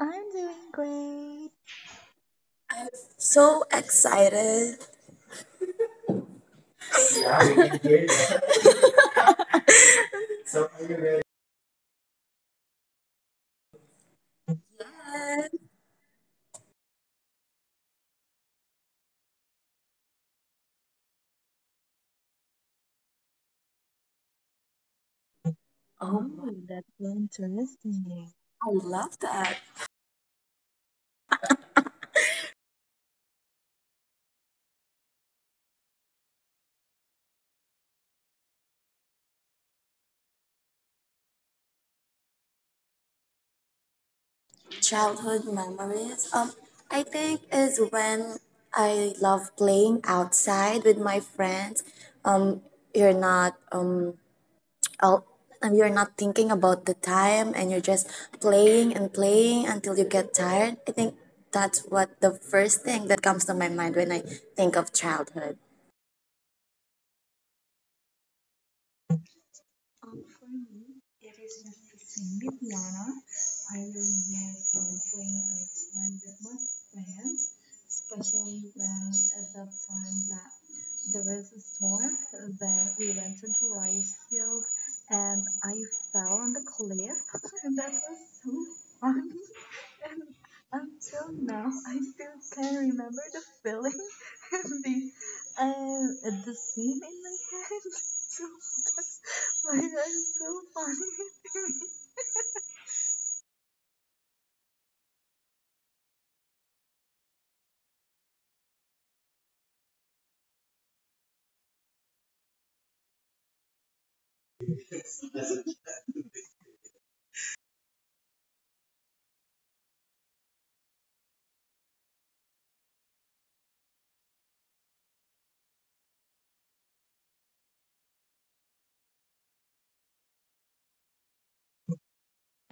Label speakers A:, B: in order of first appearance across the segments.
A: I'm doing great.
B: So excited. Yes. Oh wow,
A: Oh, that's so interesting.
B: I love that. Childhood memories. I think is when I love playing outside with my friends. Um, you're not um out, you're not thinking about the time and you're just playing and playing until you get tired. I think that's what the first thing that comes to my mind when I think of childhood.
A: For me, it is just the same with piano. I really enjoy playing outside with my friends, especially when at that time that there was a storm. Then we went into rice field, and I fell on the cliff, and that was so funny. Until now, I still can remember the feeling and uh, the scene in my head. So that's why that's so funny to me.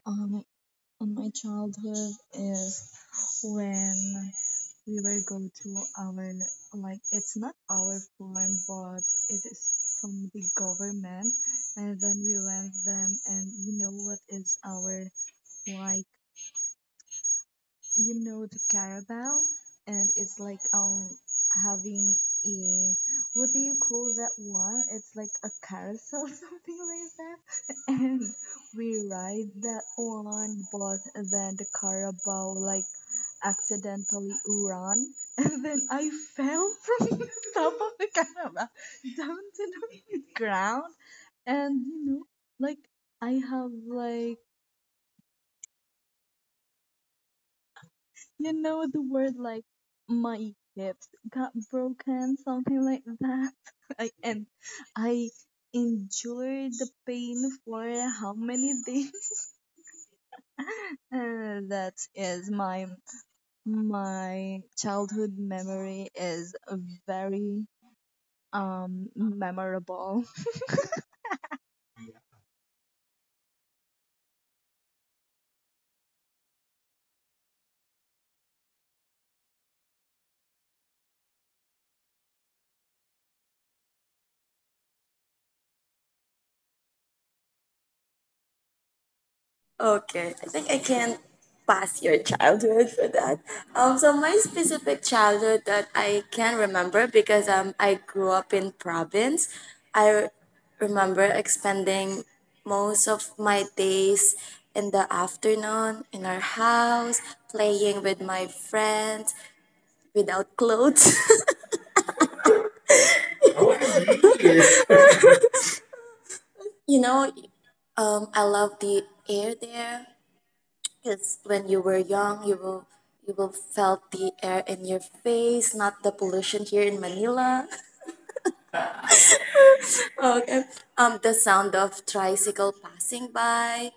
A: Um, in my childhood is when we will go to our like it's not our farm but it is from the government and then we went them and you know what is our like you know the caravel and it's like having a what do you call that one it's like a carousel something like that and we ride that one but then the carabao like accidentally ran and then I fell from the top of the carabao down to the ground and you know like I have like you know the word like my hips got broken, something like that. I and I endured the pain for how many days? That is my childhood memory is very memorable.
B: Okay, I think I can pass your childhood for that. So my specific childhood that I can remember because I grew up in province. I remember expending most of my days in the afternoon in our house, playing with my friends without clothes. Oh, really? you know, I love the air there. Because when you were young, you will felt the air in your face, not the pollution here in Manila. Okay. The sound of tricycle passing by.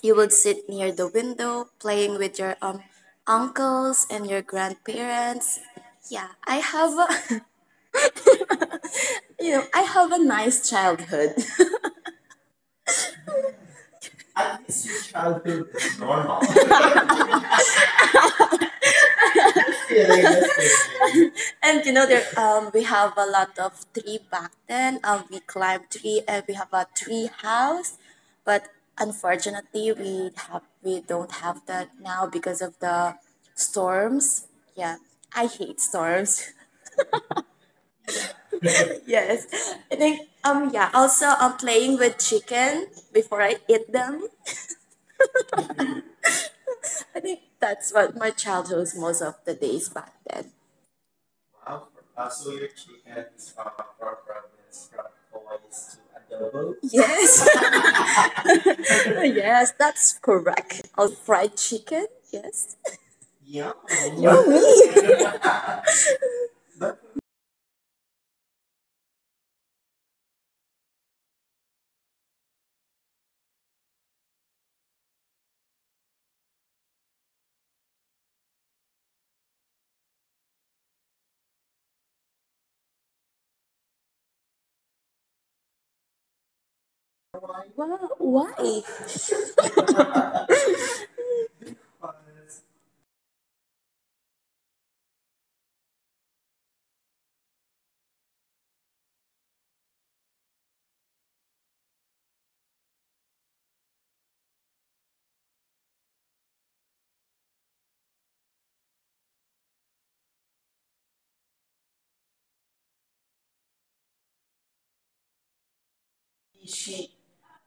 B: You would sit near the window, playing with your uncles and your grandparents. Yeah, I have a nice childhood. At least your childhood is normal. Yeah, that's it. And there we have a lot of tree back then. We climb tree and we have a tree house, but unfortunately we don't have that now because of the storms. Yeah. I hate storms. Yes. I think yeah, also I'm playing with chicken before I eat them. I think that's what my childhood was most of the days back then. Wow. So your chicken is from your province, from Coins to Adobo. Yes, yes, that's correct. Also, fried chicken. Yes. Yeah. Yeah. But wow, why?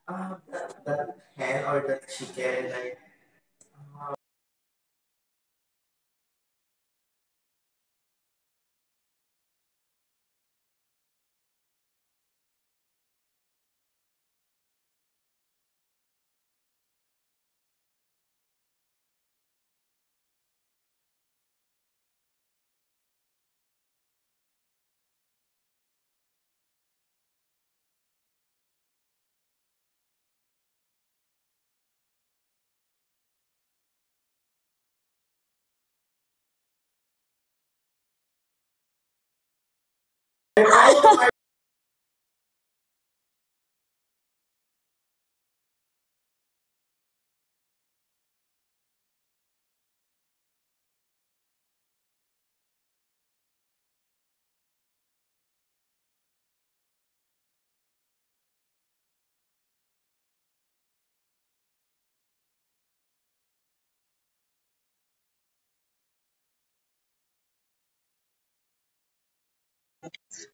B: That hen or that chicken, like,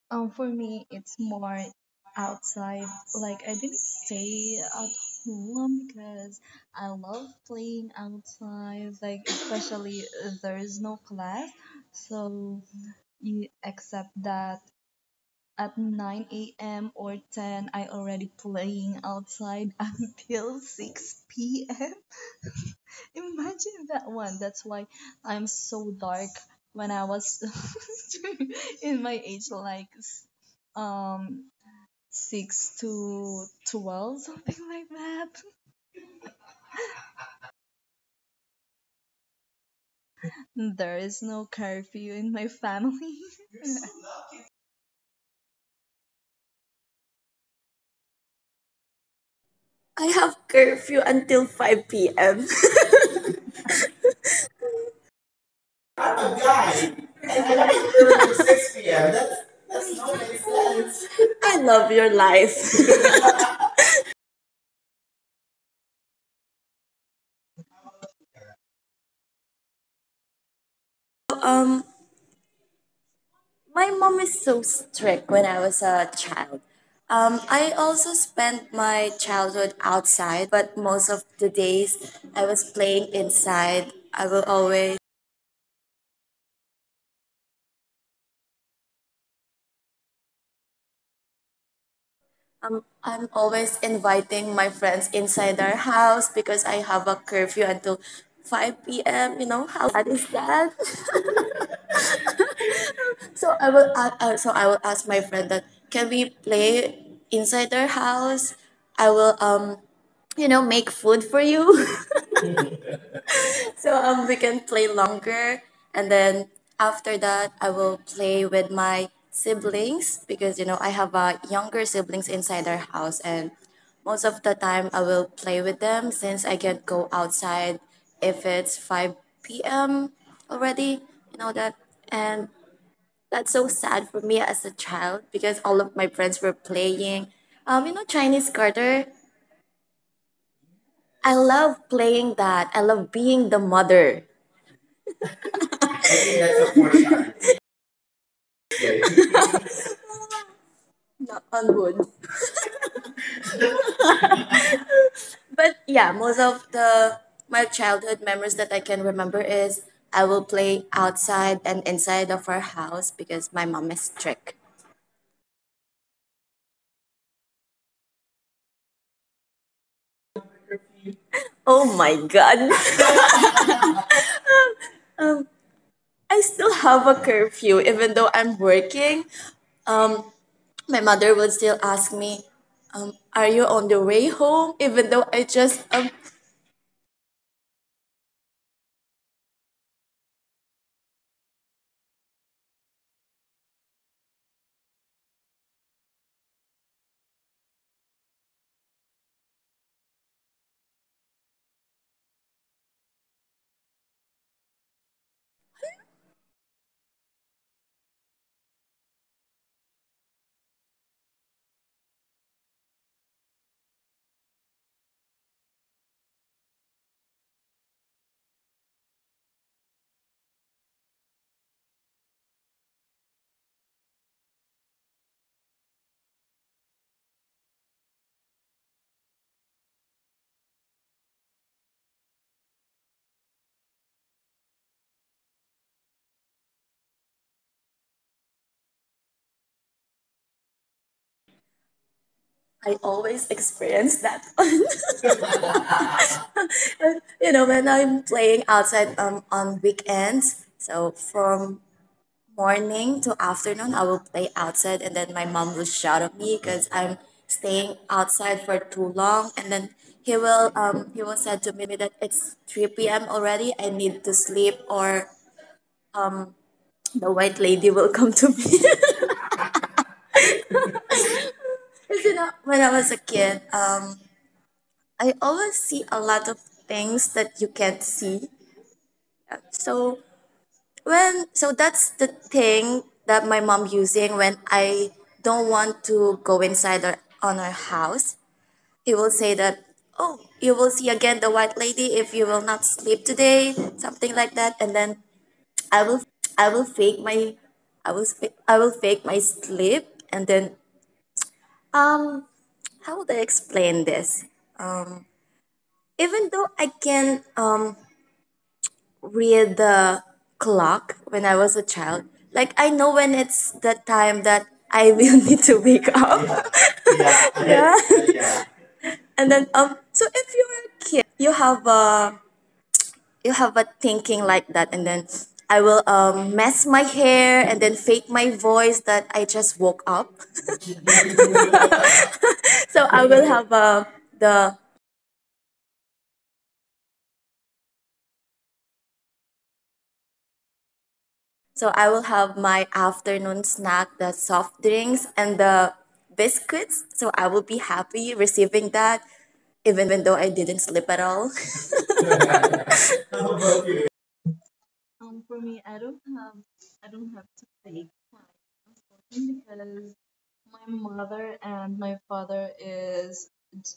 A: For me, it's more outside. Like, I didn't stay at home because I love playing outside, like, especially there is no class. So, you accept that at 9 a.m. or 10, I already playing outside until 6 p.m. Imagine that one. That's why I'm so dark when I was in my age, like um 6 to 12, something like that. There is no curfew in my family.
B: I have curfew until 5 p.m. Oh, guys, I got to 6 p.m. That's no make sense. I love your life. um, My mom is so strict when I was a child. I also spent my childhood outside, but most of the days I was playing inside. I'm always inviting my friends inside our house because I have a curfew until 5 p.m. You know how sad is that? So I will ask my friend that can we play inside their house? I will make food for you. So we can play longer, and then after that, I will play with my siblings because I have younger siblings inside our house, and most of the time I will play with them since I can't go outside if it's 5 p.m. already. You know that, and that's so sad for me as a child because all of my friends were playing. You know Chinese garter. I love playing that. I love being the mother. I think that's a portion. Right. Knock on wood. But yeah, most of the my childhood memories that I can remember is I will play outside and inside of our house because my mom is strict. Oh my god. I still have a curfew even though I'm working. My mother will still ask me, are you on the way home? Even though I always experience that on when I'm playing outside on weekends. So from morning to afternoon, I will play outside, and then my mom will shout at me because I'm staying outside for too long. And then he will say to me that it's 3 p.m. already. I need to sleep, or the white lady will come to me. 'Cause, when I was a kid, I always see a lot of things that you can't see. So when so that's the thing that my mom using when I don't want to go inside or on our house. He will say that, "Oh, you will see again the white lady if you will not sleep today," something like that. And then I will fake my, I will fake my sleep. And then, um, how would I explain this? Even though I can read the clock when I was a child, like I know when it's the time that I will need to wake up. Yeah. And then so if you're a kid, you have a thinking like that, and then I will mess my hair and then fake my voice that I just woke up. So I will have the so I will have my afternoon snack, the soft drinks and the biscuits, so I will be happy receiving that even though I didn't sleep at all.
A: For me, I don't have to take time because my mother and my father is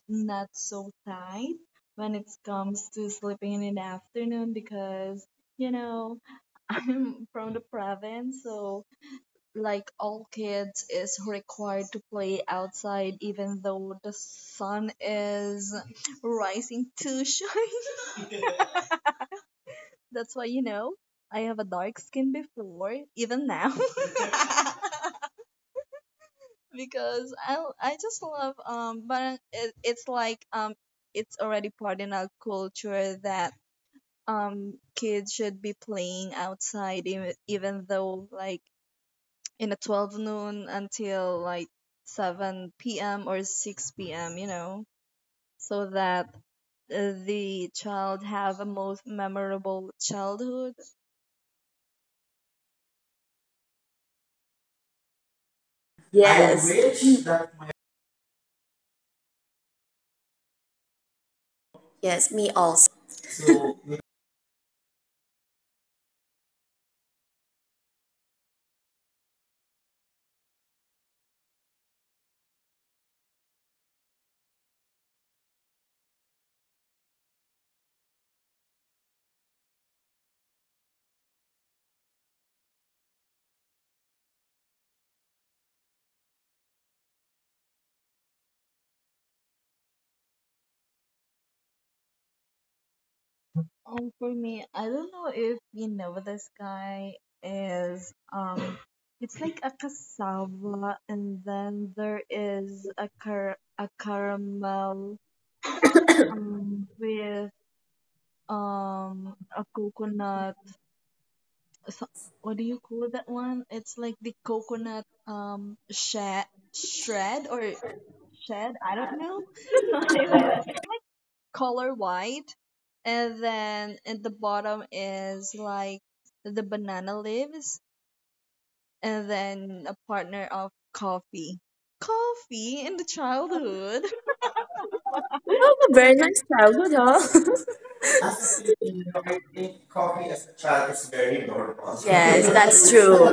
A: not so tight when it comes to sleeping in the afternoon because, you know, I'm from the province, so like all kids is required to play outside even though the sun is rising to shine. That's why, you know, I have a dark skin before, even now. Because I just love barang it, it's like it's already part in our culture that kids should be playing outside even though like in a 12 noon until like 7 p.m. or 6 p.m. you know so that the child have a most memorable childhood.
B: Yes, yes, me also. You
A: For me, I don't know if you know this guy is it's like a cassava, and then there is a caramel with a coconut. So, what do you call that one? It's like the coconut shed shred or shed. I don't know something like that. It's color white, and then at the bottom is like the banana leaves, and then a partner of coffee. Coffee in the childhood.
B: have a very nice childhood, huh? You coffee as a child is very normal. Yes, that's true.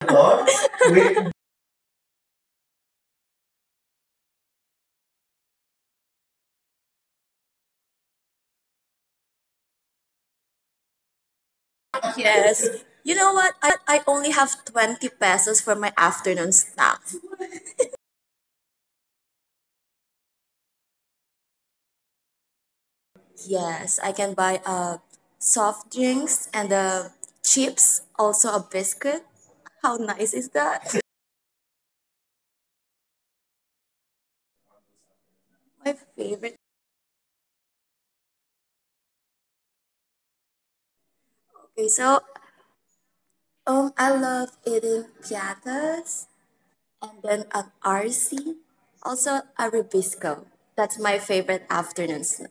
B: Lord, with yes. You know what? I only have 20 pesos for my afternoon snack. Yes, I can buy soft drinks and chips, also a biscuit. How nice is that? My favorite. Okay, I love eating piatas and then an RC, also a ribisco. That's my favorite afternoon snack.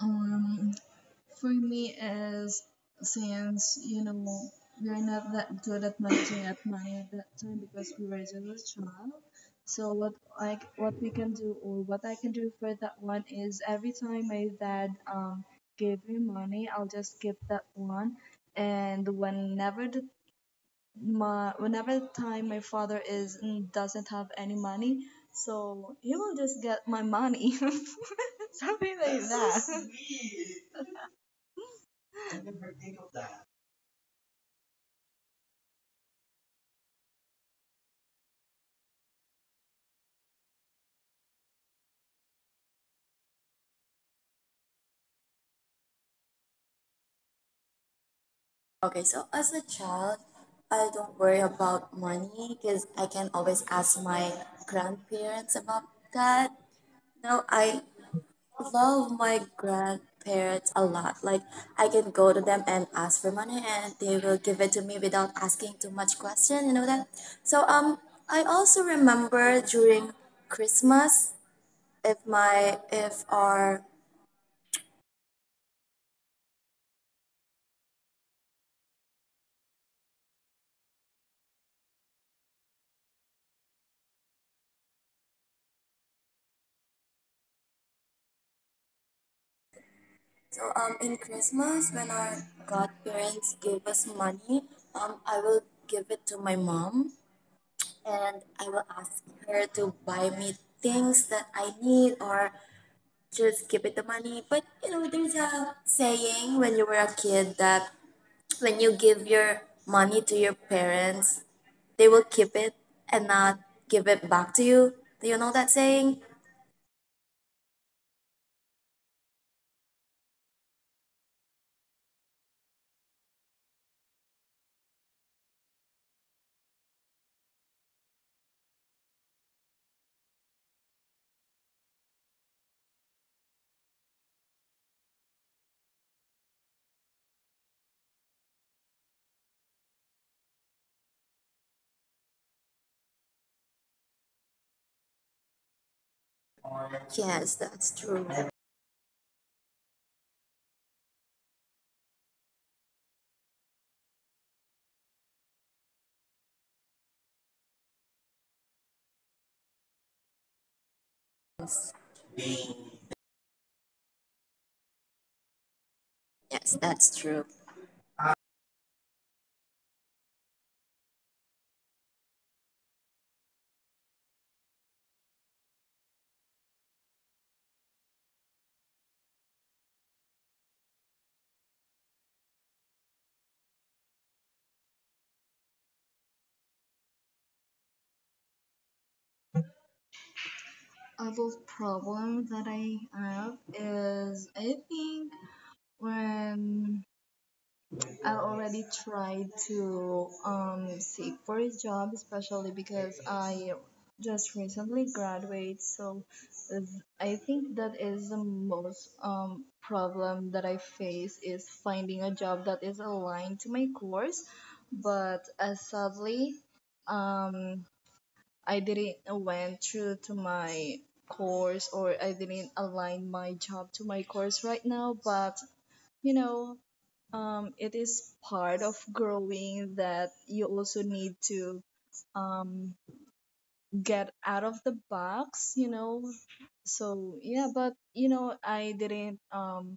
A: Um, For me is since you know we're not that good at managing at money at that time because we were just a child. So what like what we can do or what I can do for that one is every time my dad gave me money, I'll just give that one. And whenever the time my father is doesn't have any money, so he will just get my money, something like that.
B: Okay, so as a child, I don't worry about money because I can always ask my grandparents about that. Now I love my grandparents a lot. Like I can go to them and ask for money, and they will give it to me without asking too much question. You know that. So I also remember during Christmas, if my if our So in Christmas, when our godparents gave us money, I will give it to my mom, and I will ask her to buy me things that I need, or just give it the money. But there's a saying when you were a kid that when you give your money to your parents, they will keep it and not give it back to you. Do you know that saying? Yes, that's true. Yes, that's true.
A: Other problem that I have is I think when I already tried to seek for a job, especially because I just recently graduated, so I think that is the most problem that I face is finding a job that is aligned to my course. But sadly, um, I didn't went through to my course or I didn't align my job to my course right now, but you know, it is part of growing that you also need to um, get out of the box. So yeah, but you know, I didn't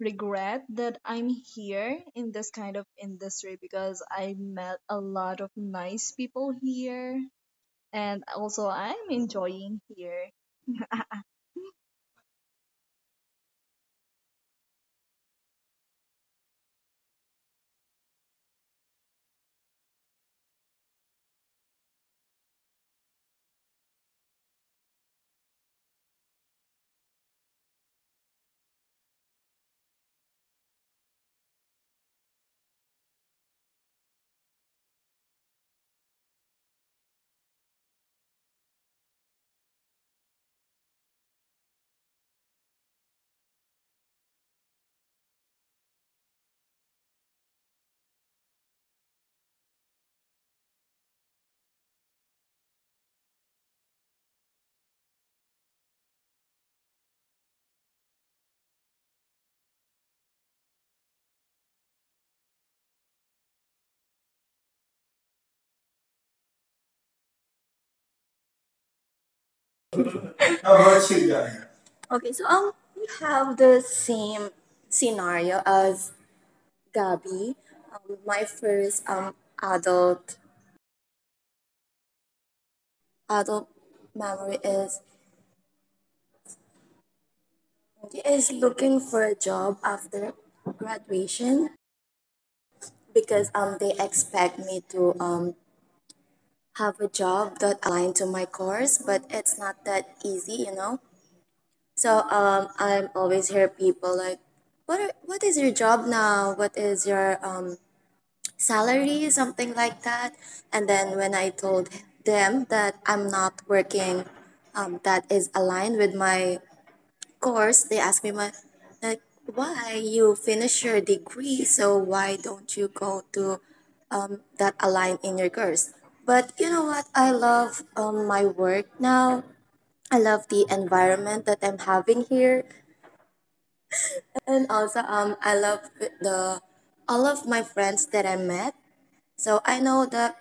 A: regret that I'm here in this kind of industry because I met a lot of nice people here and also I'm enjoying here.
B: How about you, Gabi? Okay, so we have the same scenario as Gabby. My first adult memory is looking for a job after graduation because they expect me to have a job that aligned to my course, but it's not that easy. So I'm always hear people like, what is your job now? What is your salary, something like that. And then when I told them that I'm not working, that is aligned with my course, they asked me my like, why you finish your degree, so why don't you go to that align in your course? But you know what? I love my work now. I love the environment that I'm having here, and also I love the all of my friends that I met. So I know that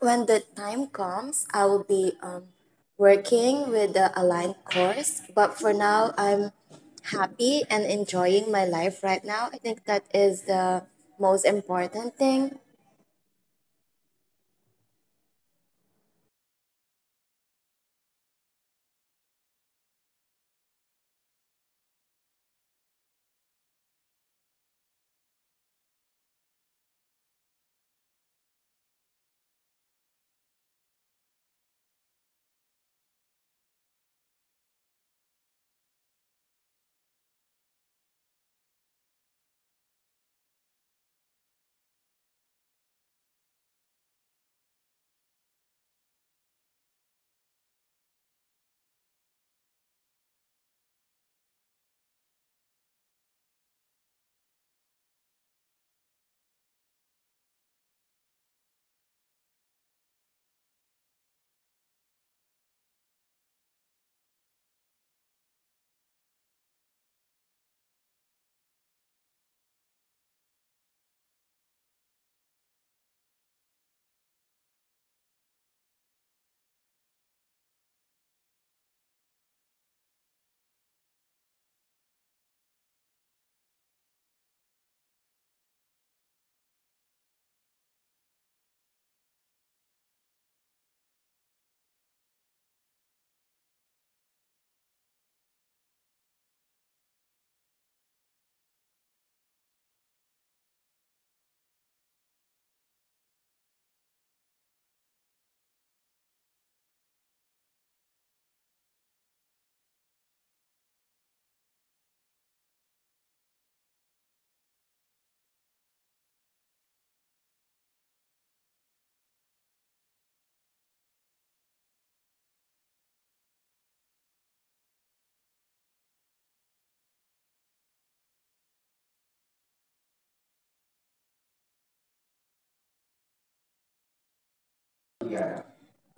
B: when the time comes, I will be working with the aligned course. But for now, I'm happy and enjoying my life right now. I think that is the most important thing.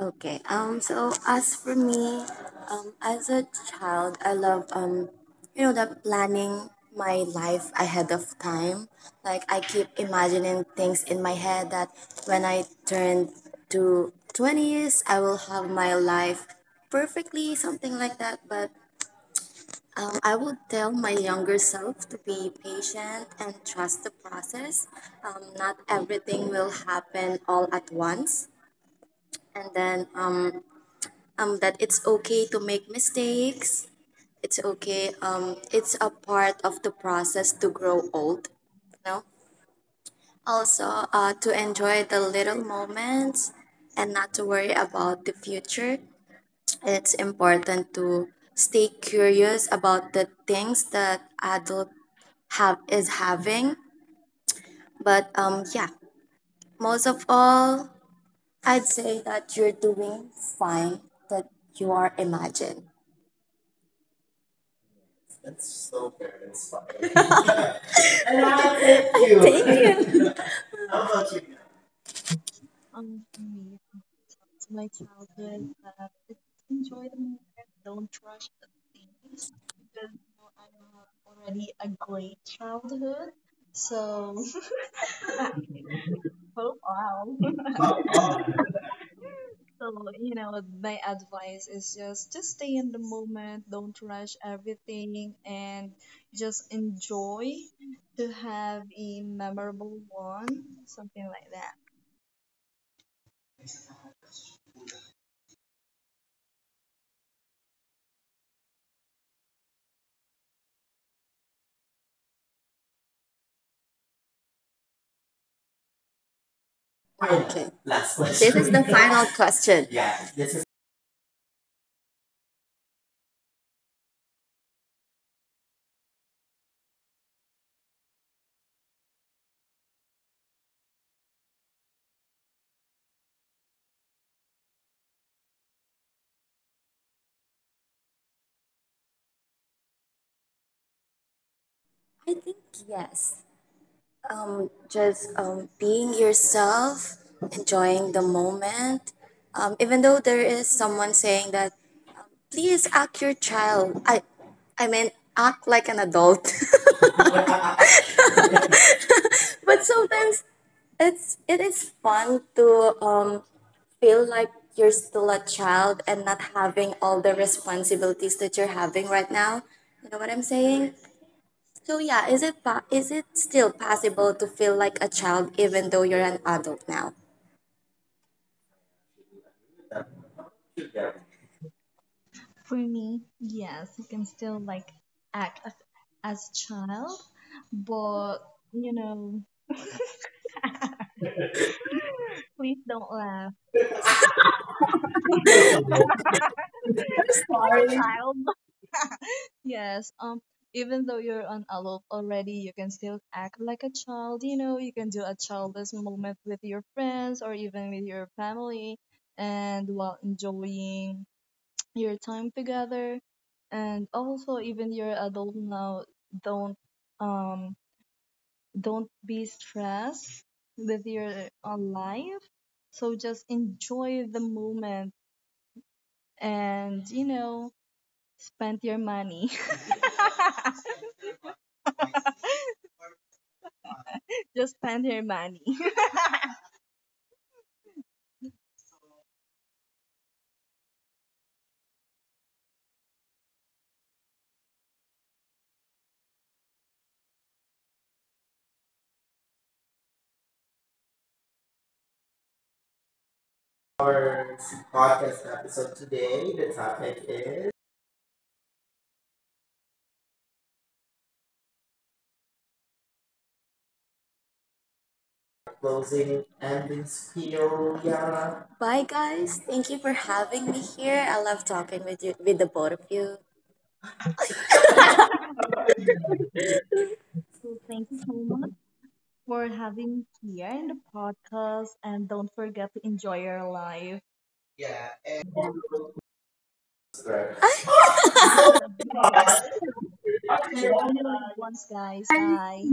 B: Okay. So as for me, as a child, I love you know, the planning my life ahead of time. Like I keep imagining things in my head that when I turn to 20 years, I will have my life perfectly, something like that. But I would tell my younger self to be patient and trust the process. Not everything will happen all at once, and then that it's okay to make mistakes. It's okay, it's a part of the process to grow old you know Also, to enjoy the little moments and not to worry about the future. It's important to stay curious about the things that adult have is having, but yeah, most of all, I'd say that you're doing fine, that you are imagined. And I thank you. Thank you. How about you?
A: For me, it's my childhood. It's enjoy the moment. Don't rush the things because you know, I have already a great childhood. So, oh wow. So, you know, my advice is just stay in the moment, don't rush everything, and just enjoy to have a memorable one, something like that.
B: Final, okay. Last question. This is the final question. Yeah, this is I think yes. Just being yourself, enjoying the moment. Even though there is someone saying that, please act your child. I mean, act like an adult. But sometimes it is fun to feel like you're still a child and not having all the responsibilities that you're having right now. You know what I'm saying? So yeah, is it still possible to feel like a child even though you're an adult now?
A: For me, yes, you can still like act as a child, but you know, please don't laugh. Like a child. Yes, even though you're an adult already, you can still act like a child. You know, you can do a childish moment with your friends or even with your family, and while enjoying your time together. And also, even you're adult now, don't um don't be stressed with your own life. So just enjoy the moment and, you know, spend your money. Just spend your money.
B: Our podcast episode today, the topic is closing endings feel yeah. Bye guys. Thank you for having me here. I love talking with the both of you.
A: So thank you so much for having me here in the podcast and don't forget to enjoy your life. Yeah.
B: Right.
A: See you only once, guys. Bye.